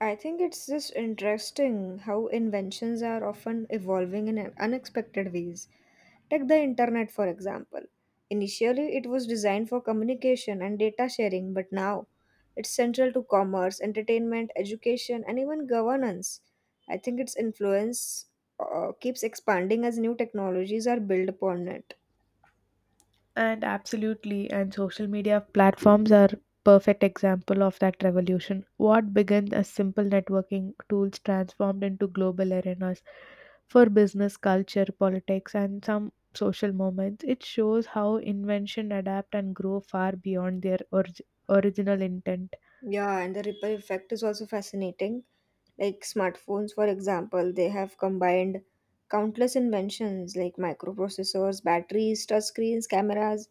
I think it's just interesting how inventions are often evolving in unexpected ways. Take the internet, for example. Initially, it was designed for communication and data sharing, but now it's central to commerce, entertainment, education, and even governance. I think its influence keeps expanding as new technologies are built upon it. And absolutely, and social media platforms are perfect example of that revolution. What began as simple networking tools transformed into global arenas for business, culture, politics, and some social moments. It shows how invention adapt and grow far beyond their original intent. Yeah, and the ripple effect is also fascinating. Like smartphones, for example, they have combined countless inventions like microprocessors, batteries, touchscreens, cameras,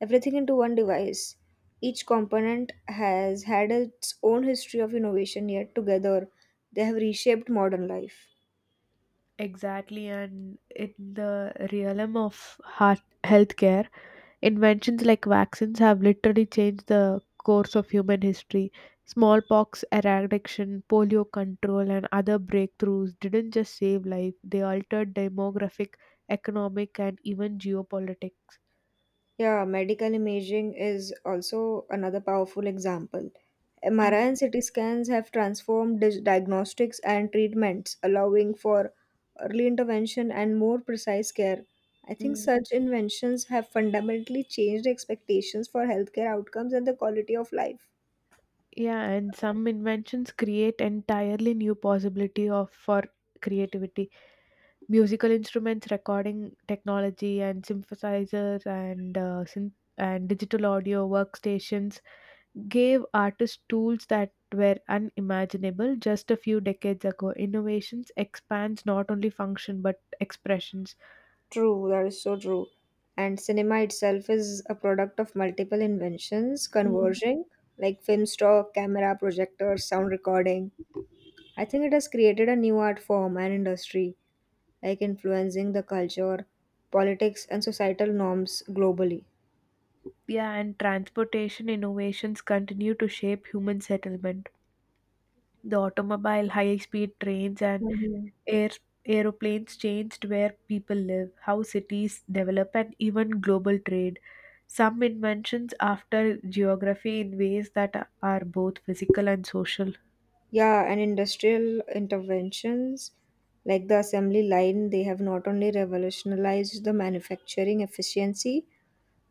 everything into one device. Each component has had its own history of innovation, yet together they have reshaped modern life. Exactly, and in the realm of heart healthcare, inventions like vaccines have literally changed the course of human history. Smallpox eradication, polio control, and other breakthroughs didn't just save life; they altered demographic, economic, and even geopolitics. Yeah, medical imaging is also another powerful example. Mm, MRI and CT scans have transformed diagnostics and treatments, allowing for early intervention and more precise care. I think mm. such inventions have fundamentally changed expectations for healthcare outcomes and the quality of life. Yeah, and some inventions create entirely new possibility of for creativity musical instruments, recording technology, and synthesizers and digital audio workstations gave artists tools that were unimaginable just a few decades ago. Innovations expands not only function but expressions. True, that is so true. And cinema itself is a product of multiple inventions Mm. converging, like film stock, camera, projectors, sound recording. I think it has created a new art form and industry, like influencing the culture, politics, and societal norms globally. Yeah, and transportation innovations continue to shape human settlement. The automobile, high-speed trains, and Mhm. Air, aeroplanes changed where people live, how cities develop, and even global trade. Some inventions after geography in ways that are both physical and social. Yeah, and industrial interventions like the assembly line, they have not only revolutionized the manufacturing efficiency,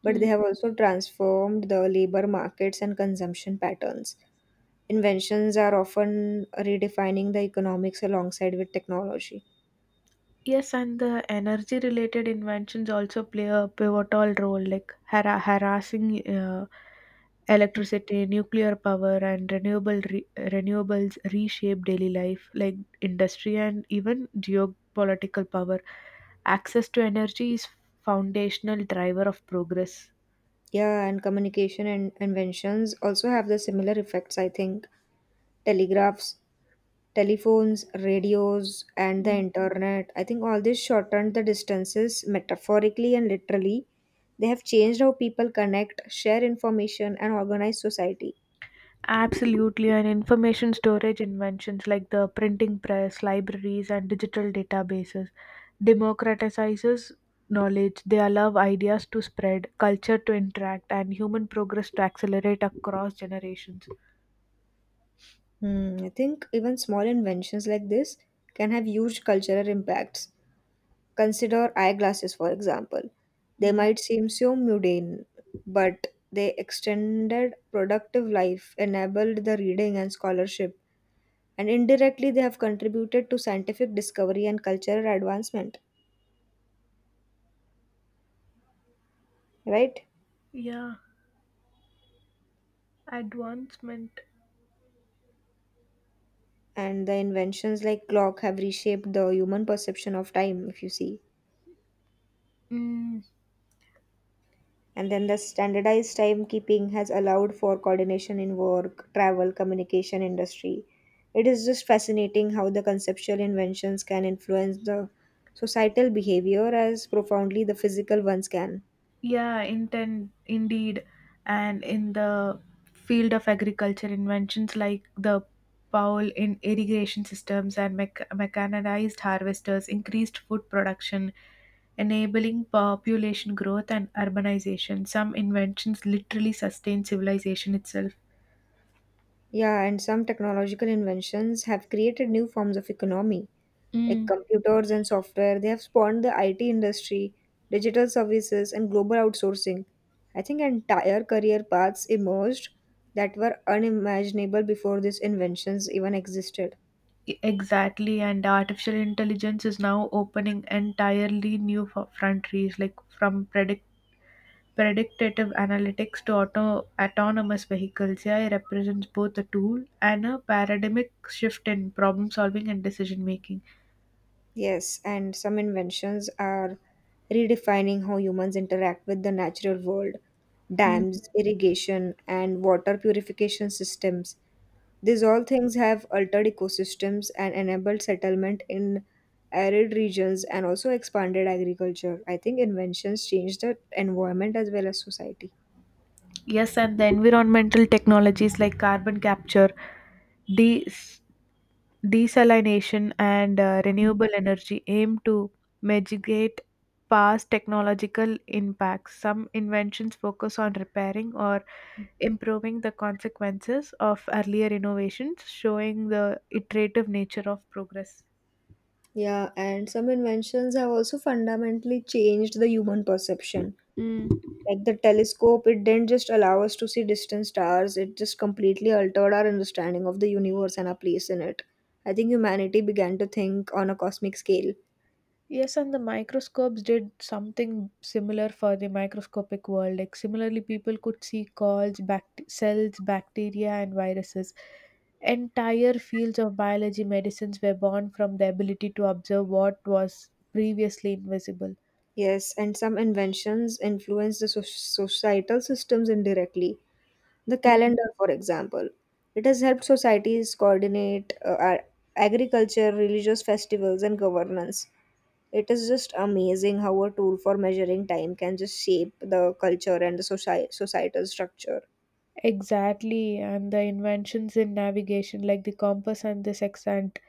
but they have also transformed the labor markets and consumption patterns. Inventions are often redefining the economics alongside with technology. Yes, and the energy related inventions also play a pivotal role, like harassing electricity, nuclear power, and renewables reshape daily life, like industry and even geopolitical power. Access to energy is foundational driver of progress. Yeah, and communication and inventions also have the similar effects, I think. Telegraphs, telephones, radios, and the internet. I think all this shortened the distances metaphorically and literally. They have changed how people connect, share information, and organize society. Absolutely, and information storage inventions like the printing press, libraries, and digital databases democratizes knowledge. They allow ideas to spread, culture to interact, and human progress to accelerate across generations. Hmm, I think even small inventions like this can have huge cultural impacts. Consider eyeglasses, for example. They Mm, might seem so mundane, but they extended productive life, enabled the reading and scholarship, and indirectly they have contributed to scientific discovery and cultural advancement, right? Yeah, advancement. And the inventions like clock have reshaped the human perception of time, if you see. Mm, And then the standardized timekeeping has allowed for coordination in work, travel, communication industry. It is just fascinating how the conceptual inventions can influence the societal behavior as profoundly the physical ones can. Yeah, inten indeed. And in the field of agriculture, inventions like the pole in irrigation systems and mechanized harvesters increased food production, enabling population growth and urbanization. Some inventions literally sustain civilization itself. Yeah, and some technological inventions have created new forms of economy. Like Mm, computers and software, they have spawned the IT industry, digital services, and global outsourcing. I think entire career paths emerged that were unimaginable before these inventions even existed. Exactly, and artificial intelligence is now opening entirely new frontiers, like from predictive analytics to autonomous vehicles. AI represents both a tool and a paradigmic shift in problem solving and decision making. Yes, and some inventions are redefining how humans interact with the natural world. Mm. Dams, irrigation, and water purification systems. These all things have altered ecosystems and enabled settlement in arid regions and also expanded agriculture. I think inventions change the environment as well as society. Yes, and the environmental technologies like carbon capture, de- desalination, and renewable energy aim to mitigate past technological impacts. Some inventions focus on repairing or improving the consequences of earlier innovations, showing the iterative nature of progress. Yeah, and some inventions have also fundamentally changed the human perception. Mm. Like the telescope, it didn't just allow us to see distant stars, it just completely altered our understanding of the universe and our place in it. I think humanity began to think on a cosmic scale. Yes, and the microscopes did something similar for the microscopic world. Like similarly, people could see calls, cells, bacteria, and viruses. Entire fields of biology medicines were born from the ability to observe what was previously invisible. Yes, and some inventions influence the societal systems indirectly. The Mm. calendar, for example, it has helped societies coordinate agriculture, religious festivals, and governance. It is just amazing how a tool for measuring time can just shape the culture and the societal structure. Exactly, and the inventions in navigation, like the compass and the sextant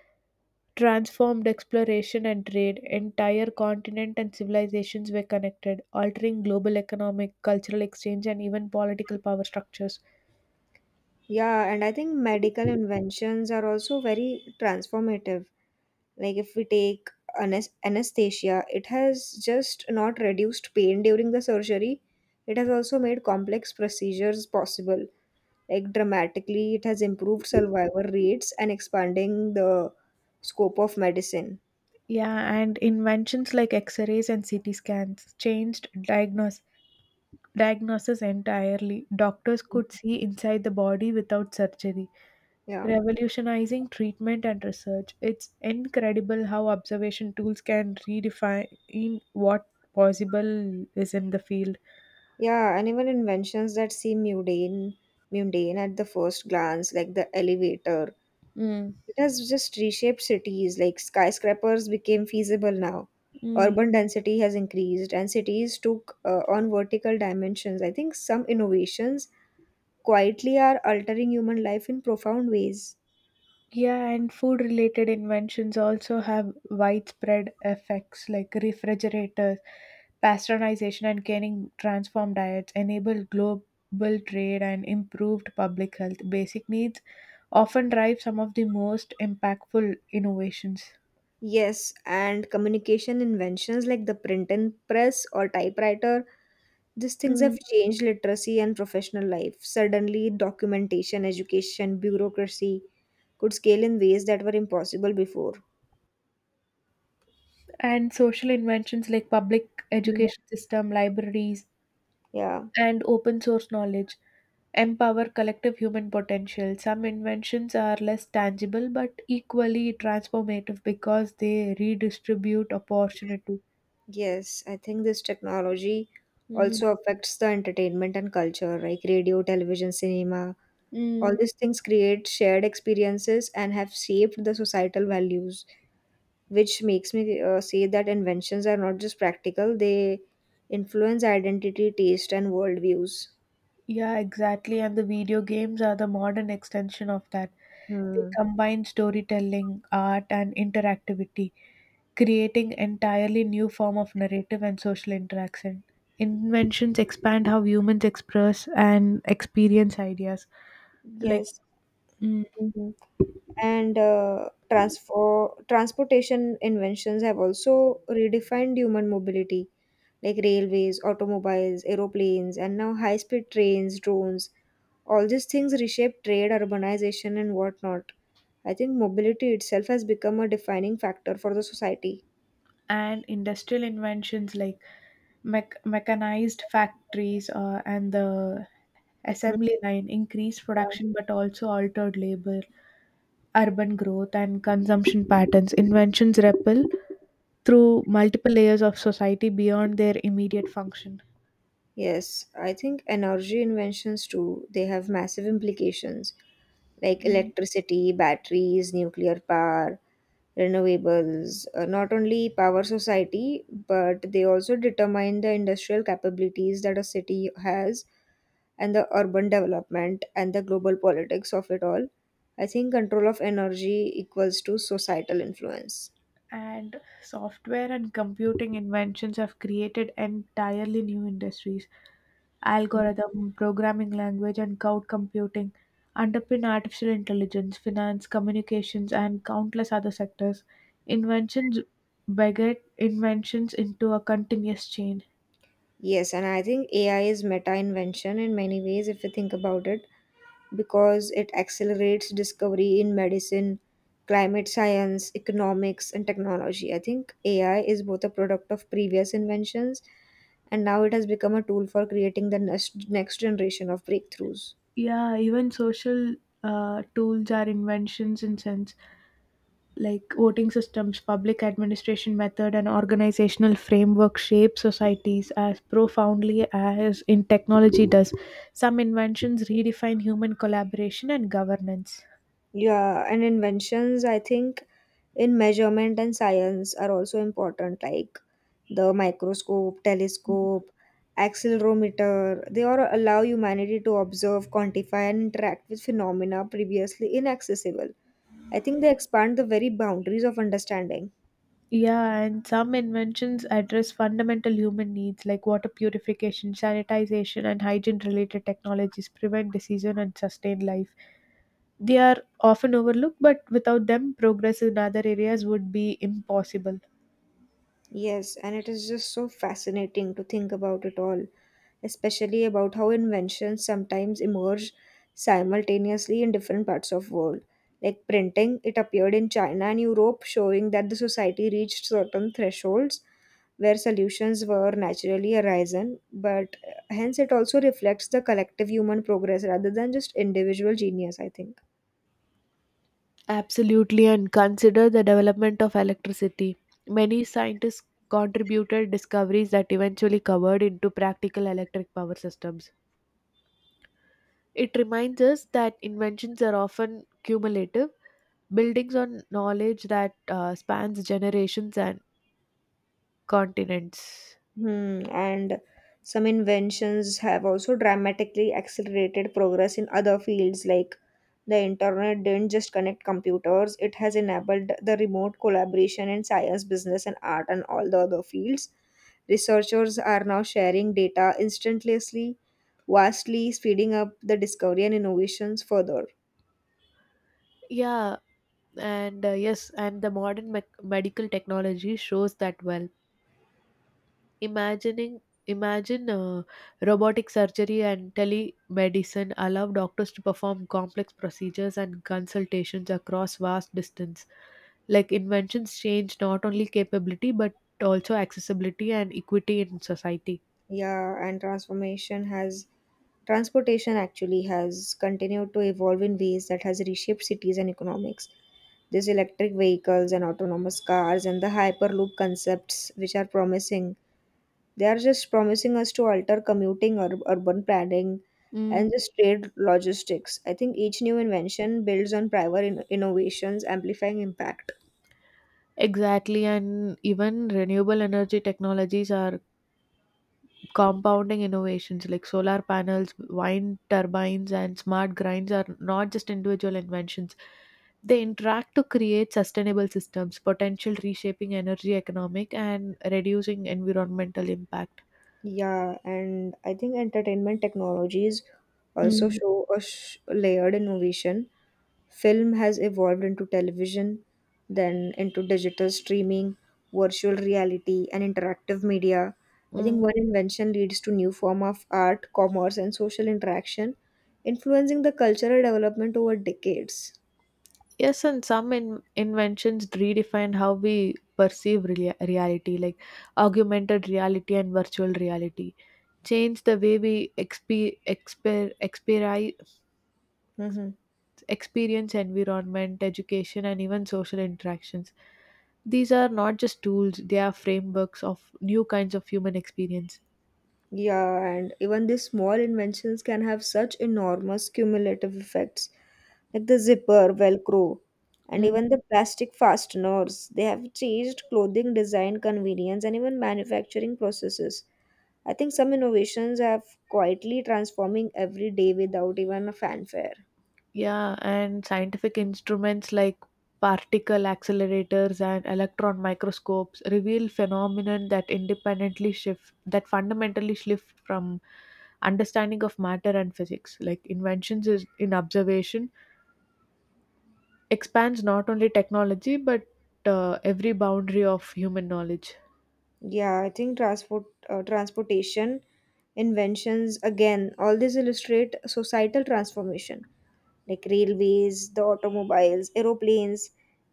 transformed exploration and trade. Entire continent and civilizations were connected, altering global economic, cultural exchange, and even political power structures. Yeah, and I think medical inventions are also very transformative. Like if we take anesthesia, it has just not reduced pain during the surgery, it has also made complex procedures possible. Like dramatically, it has improved survival rates and expanding the scope of medicine. Yeah, and inventions like X rays and CT scans changed diagnosis entirely. Doctors could see inside the body without surgery, Yeah. revolutionizing treatment and research. It's incredible how observation tools can redefine what possible is in the field. Yeah, and even inventions that seem mundane, mundane at the first glance, like the elevator. Mm. It has just reshaped cities, like skyscrapers became feasible now. Mm. Urban density has increased, and cities took on vertical dimensions. I think some innovations quietly are altering human life in profound ways. Yeah, and food related inventions also have widespread effects like refrigerators, pasteurization, and canning transform diets, enable global trade, and improved public health. Basic needs often drive some of the most impactful innovations. Yes, and communication inventions like the print and press or typewriter, these things Mm. have changed literacy and professional life. Suddenly, documentation, education, bureaucracy could scale in ways that were impossible before. And social inventions like public Hmm. education system, libraries, Yeah. and open source knowledge empower collective human potential. Some inventions are less tangible but equally transformative because they redistribute opportunity. Yes, I think this technology Mm, also affects the entertainment and culture, like radio, television, cinema. All mm. these things create shared experiences and have shaped the societal values, which makes me say that inventions are not just practical, they influence identity, taste, and worldviews. Yeah, exactly. And the video games are the modern extension of that. They Hmm. combine storytelling, art, and interactivity, creating entirely new form of narrative and social interaction. Inventions expand how humans express and experience ideas like Yes. Mm, Mhm. And transfer transportation inventions have also redefined human mobility like railways, automobiles, aeroplanes, and now high speed trains, drones. All these things reshape trade, urbanization, and whatnot. I think mobility itself has become a defining factor for the society. and industrial inventions like mechanized factories and the Mm, assembly line increased yeah. production but also altered labor, urban growth, and consumption patterns. Inventions ripple through multiple layers of society beyond their immediate function. Yes, I think energy inventions too, they have massive implications like Mm, electricity, batteries, nuclear power, renewables, not only power society, but they also determine the industrial capabilities that a city has and the urban development and the global politics of it all. I think control of energy equals to societal influence. And software and computing inventions have created entirely new industries Algorithm, programming language, and cloud computing underpin artificial intelligence, finance, communications, and countless other sectors. Inventions beget inventions into a continuous chain. Yes, and I think AI is meta invention in many ways if you think about it, because it accelerates discovery in medicine, climate science, economics, and technology. I think AI is both a product of previous inventions and now it has become a tool for creating the next generation of breakthroughs. Yeah, even social tools are inventions in sense like voting systems, public administration method, and organizational framework shape societies as profoundly as in technology does. Some inventions redefine human collaboration and governance. Yeah, and inventions, I think, in measurement and science are also important, like the microscope, telescope, accelerometer. They all allow humanity to observe, quantify, and interact with phenomena previously inaccessible. I think they expand the very boundaries of understanding. Yeah, and some inventions address fundamental human needs like water purification, sanitization, and hygiene related technologies prevent disease and sustain life. They are often overlooked, but without them, progress in other areas would be impossible. Yes, and it is just so fascinating to think about it all, especially about how inventions sometimes emerge simultaneously in different parts of world. Like printing, it appeared in China and Europe, showing that the society reached certain thresholds where solutions were naturally arisen, but hence it also reflects the collective human progress rather than just individual genius, I think. Absolutely, and consider the development of electricity. Many scientists contributed discoveries that eventually covered into practical electric power systems. It reminds us that inventions are often cumulative buildings on knowledge that spans generations and continents. Hmm, and some inventions have also dramatically accelerated progress in other fields, like the internet didn't just connect computers, it has enabled the remote collaboration in science, business, and art, and all the other fields. Researchers are now sharing data instantaneously, vastly speeding up the discovery and innovations further. Yeah, and yes, and the modern medical technology shows that well. Imagining Imagine robotic surgery and telemedicine allow doctors to perform complex procedures and consultations across vast distance like inventions change not only capability but also accessibility and equity in society. Yeah, and transformation has transportation actually has continued to evolve in ways that has reshaped cities and economics. These electric vehicles and autonomous cars and the hyperloop concepts, which are promising, they are just promising us to alter commuting or urban planning Mm. and just trade logistics. I think each new invention builds on prior innovations, amplifying impact. Exactly, and even renewable energy technologies are compounding innovations like solar panels, wind turbines, and smart grinds are not just individual inventions. They interact to create sustainable systems, potential reshaping energy economic and reducing environmental impact. Yeah, and I think entertainment technologies also Mm, show a layered innovation. Film has evolved into television, then into digital streaming, virtual reality, and interactive media. I think Mm, one invention leads to new form of art, commerce, and social interaction, influencing the cultural development over decades. Yes, and some inventions redefine how we perceive reality, like augmented reality and virtual reality change the way we Hmm. experience environment, education, and even social interactions. These are not just tools, they are frameworks of new kinds of human experience. Yeah, and even these small inventions can have such enormous cumulative effects, like the zipper, Velcro, and Mm, even the plastic fasteners. They have changed clothing design, convenience, and even manufacturing processes. I think some innovations have quietly transforming every day without even a fanfare. yeah, and scientific instruments like particle accelerators and electron microscopes reveal phenomenon that independently shift that fundamentally shift from understanding of matter and physics like inventions is in observation expands not only technology but every boundary of human knowledge. Yeah, I think transportation, inventions, again, all these illustrate societal transformation. Like railways, the automobiles, aeroplanes,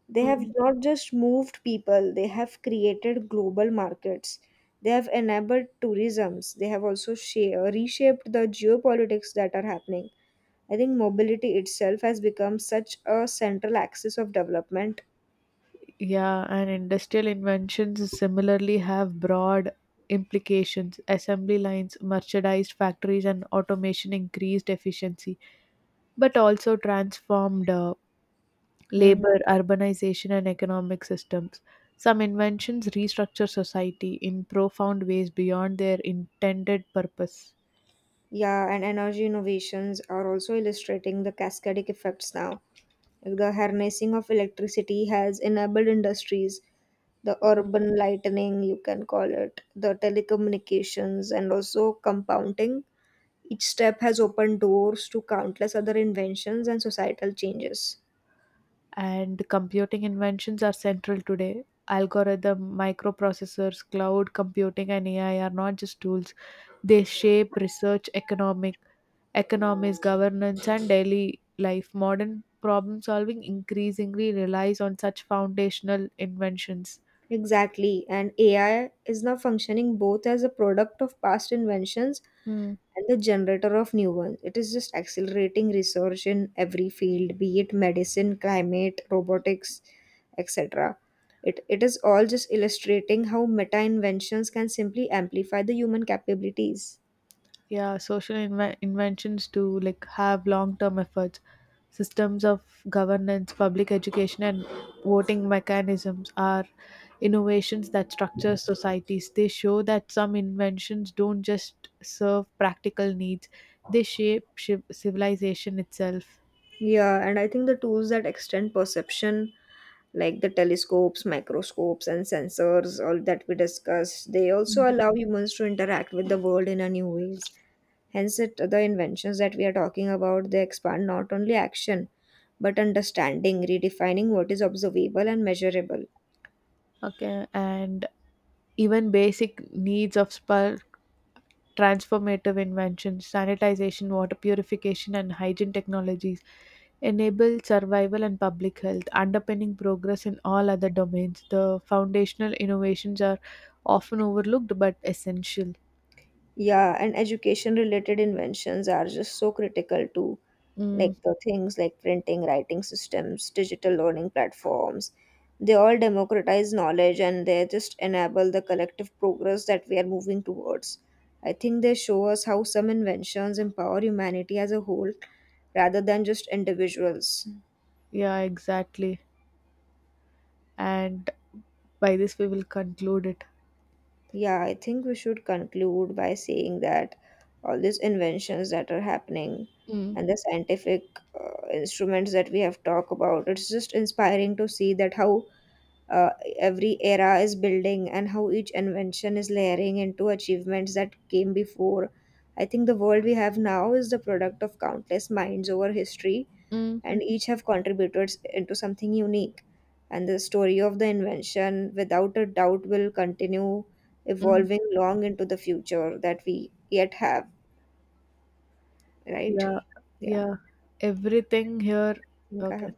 they have Mm. not just moved people, they have created global markets. They have enabled tourisms. They have also reshaped the geopolitics that are happening. I think mobility itself has become such a central axis of development. Yeah, and industrial inventions similarly have broad implications. Assembly lines, merchandised factories, and automation increased efficiency, but also transformed Hmm. labor, urbanization, and economic systems. Some inventions restructure society in profound ways beyond their intended purpose. Yeah, and energy innovations are also illustrating the cascadic effects now. Like the harnessing of electricity has enabled industries, the urban lightening, you can call it, the telecommunications, and also compounding. Each step has opened doors to countless other inventions and societal changes. And computing inventions are central today. Algorithm, microprocessors, cloud computing, and AI are not just tools. They shape research, economies, governance, and daily life. Modern problem solving increasingly relies on such foundational inventions. Exactly, and AI is now functioning both as a product of past inventions Hmm. and the generator of new ones. It is just accelerating research in every field, be it medicine, climate, robotics, etc. It is all just illustrating how meta inventions can simply amplify the human capabilities. Yeah, social inventions to like have long term efforts, systems of governance, public education, and voting mechanisms are innovations that structure societies. They show that some inventions don't just serve practical needs, they shape shiv civilization itself. Yeah, and I think the tools that extend perception, like the telescopes, microscopes, and sensors, all that we discussed, they also Mhm. allow humans to interact with the world in a new ways. Hence, it, the inventions that we are talking about they expand not only action but understanding, redefining what is observable and measurable. Okay, and even basic needs of spur transformative inventions, sanitization, water purification, and hygiene technologies enable survival and public health, underpinning progress in all other domains. The foundational innovations are often overlooked but essential. Yeah, and education related inventions are just so critical too. Like Mm, the things like printing, writing systems, digital learning platforms, they all democratize knowledge and they just enable the collective progress that we are moving towards. I think they show us how some inventions empower humanity as a whole rather than just individuals. yeah, exactly. And by this, we will conclude it. Yeah, I think we should conclude by saying that all these inventions that are happening Mm, and the scientific uh, instruments that we have talked about, it's just inspiring to see that how uh, every era is building and how each invention is layering into achievements that came before. I think the world we have now is the product of countless minds over history mm, and each have contributed into something unique. And the story of the invention, without a doubt, will continue mm. evolving long into the future that we yet have, right? Yeah, Yeah, I yeah. Everything here. think I Okay. have.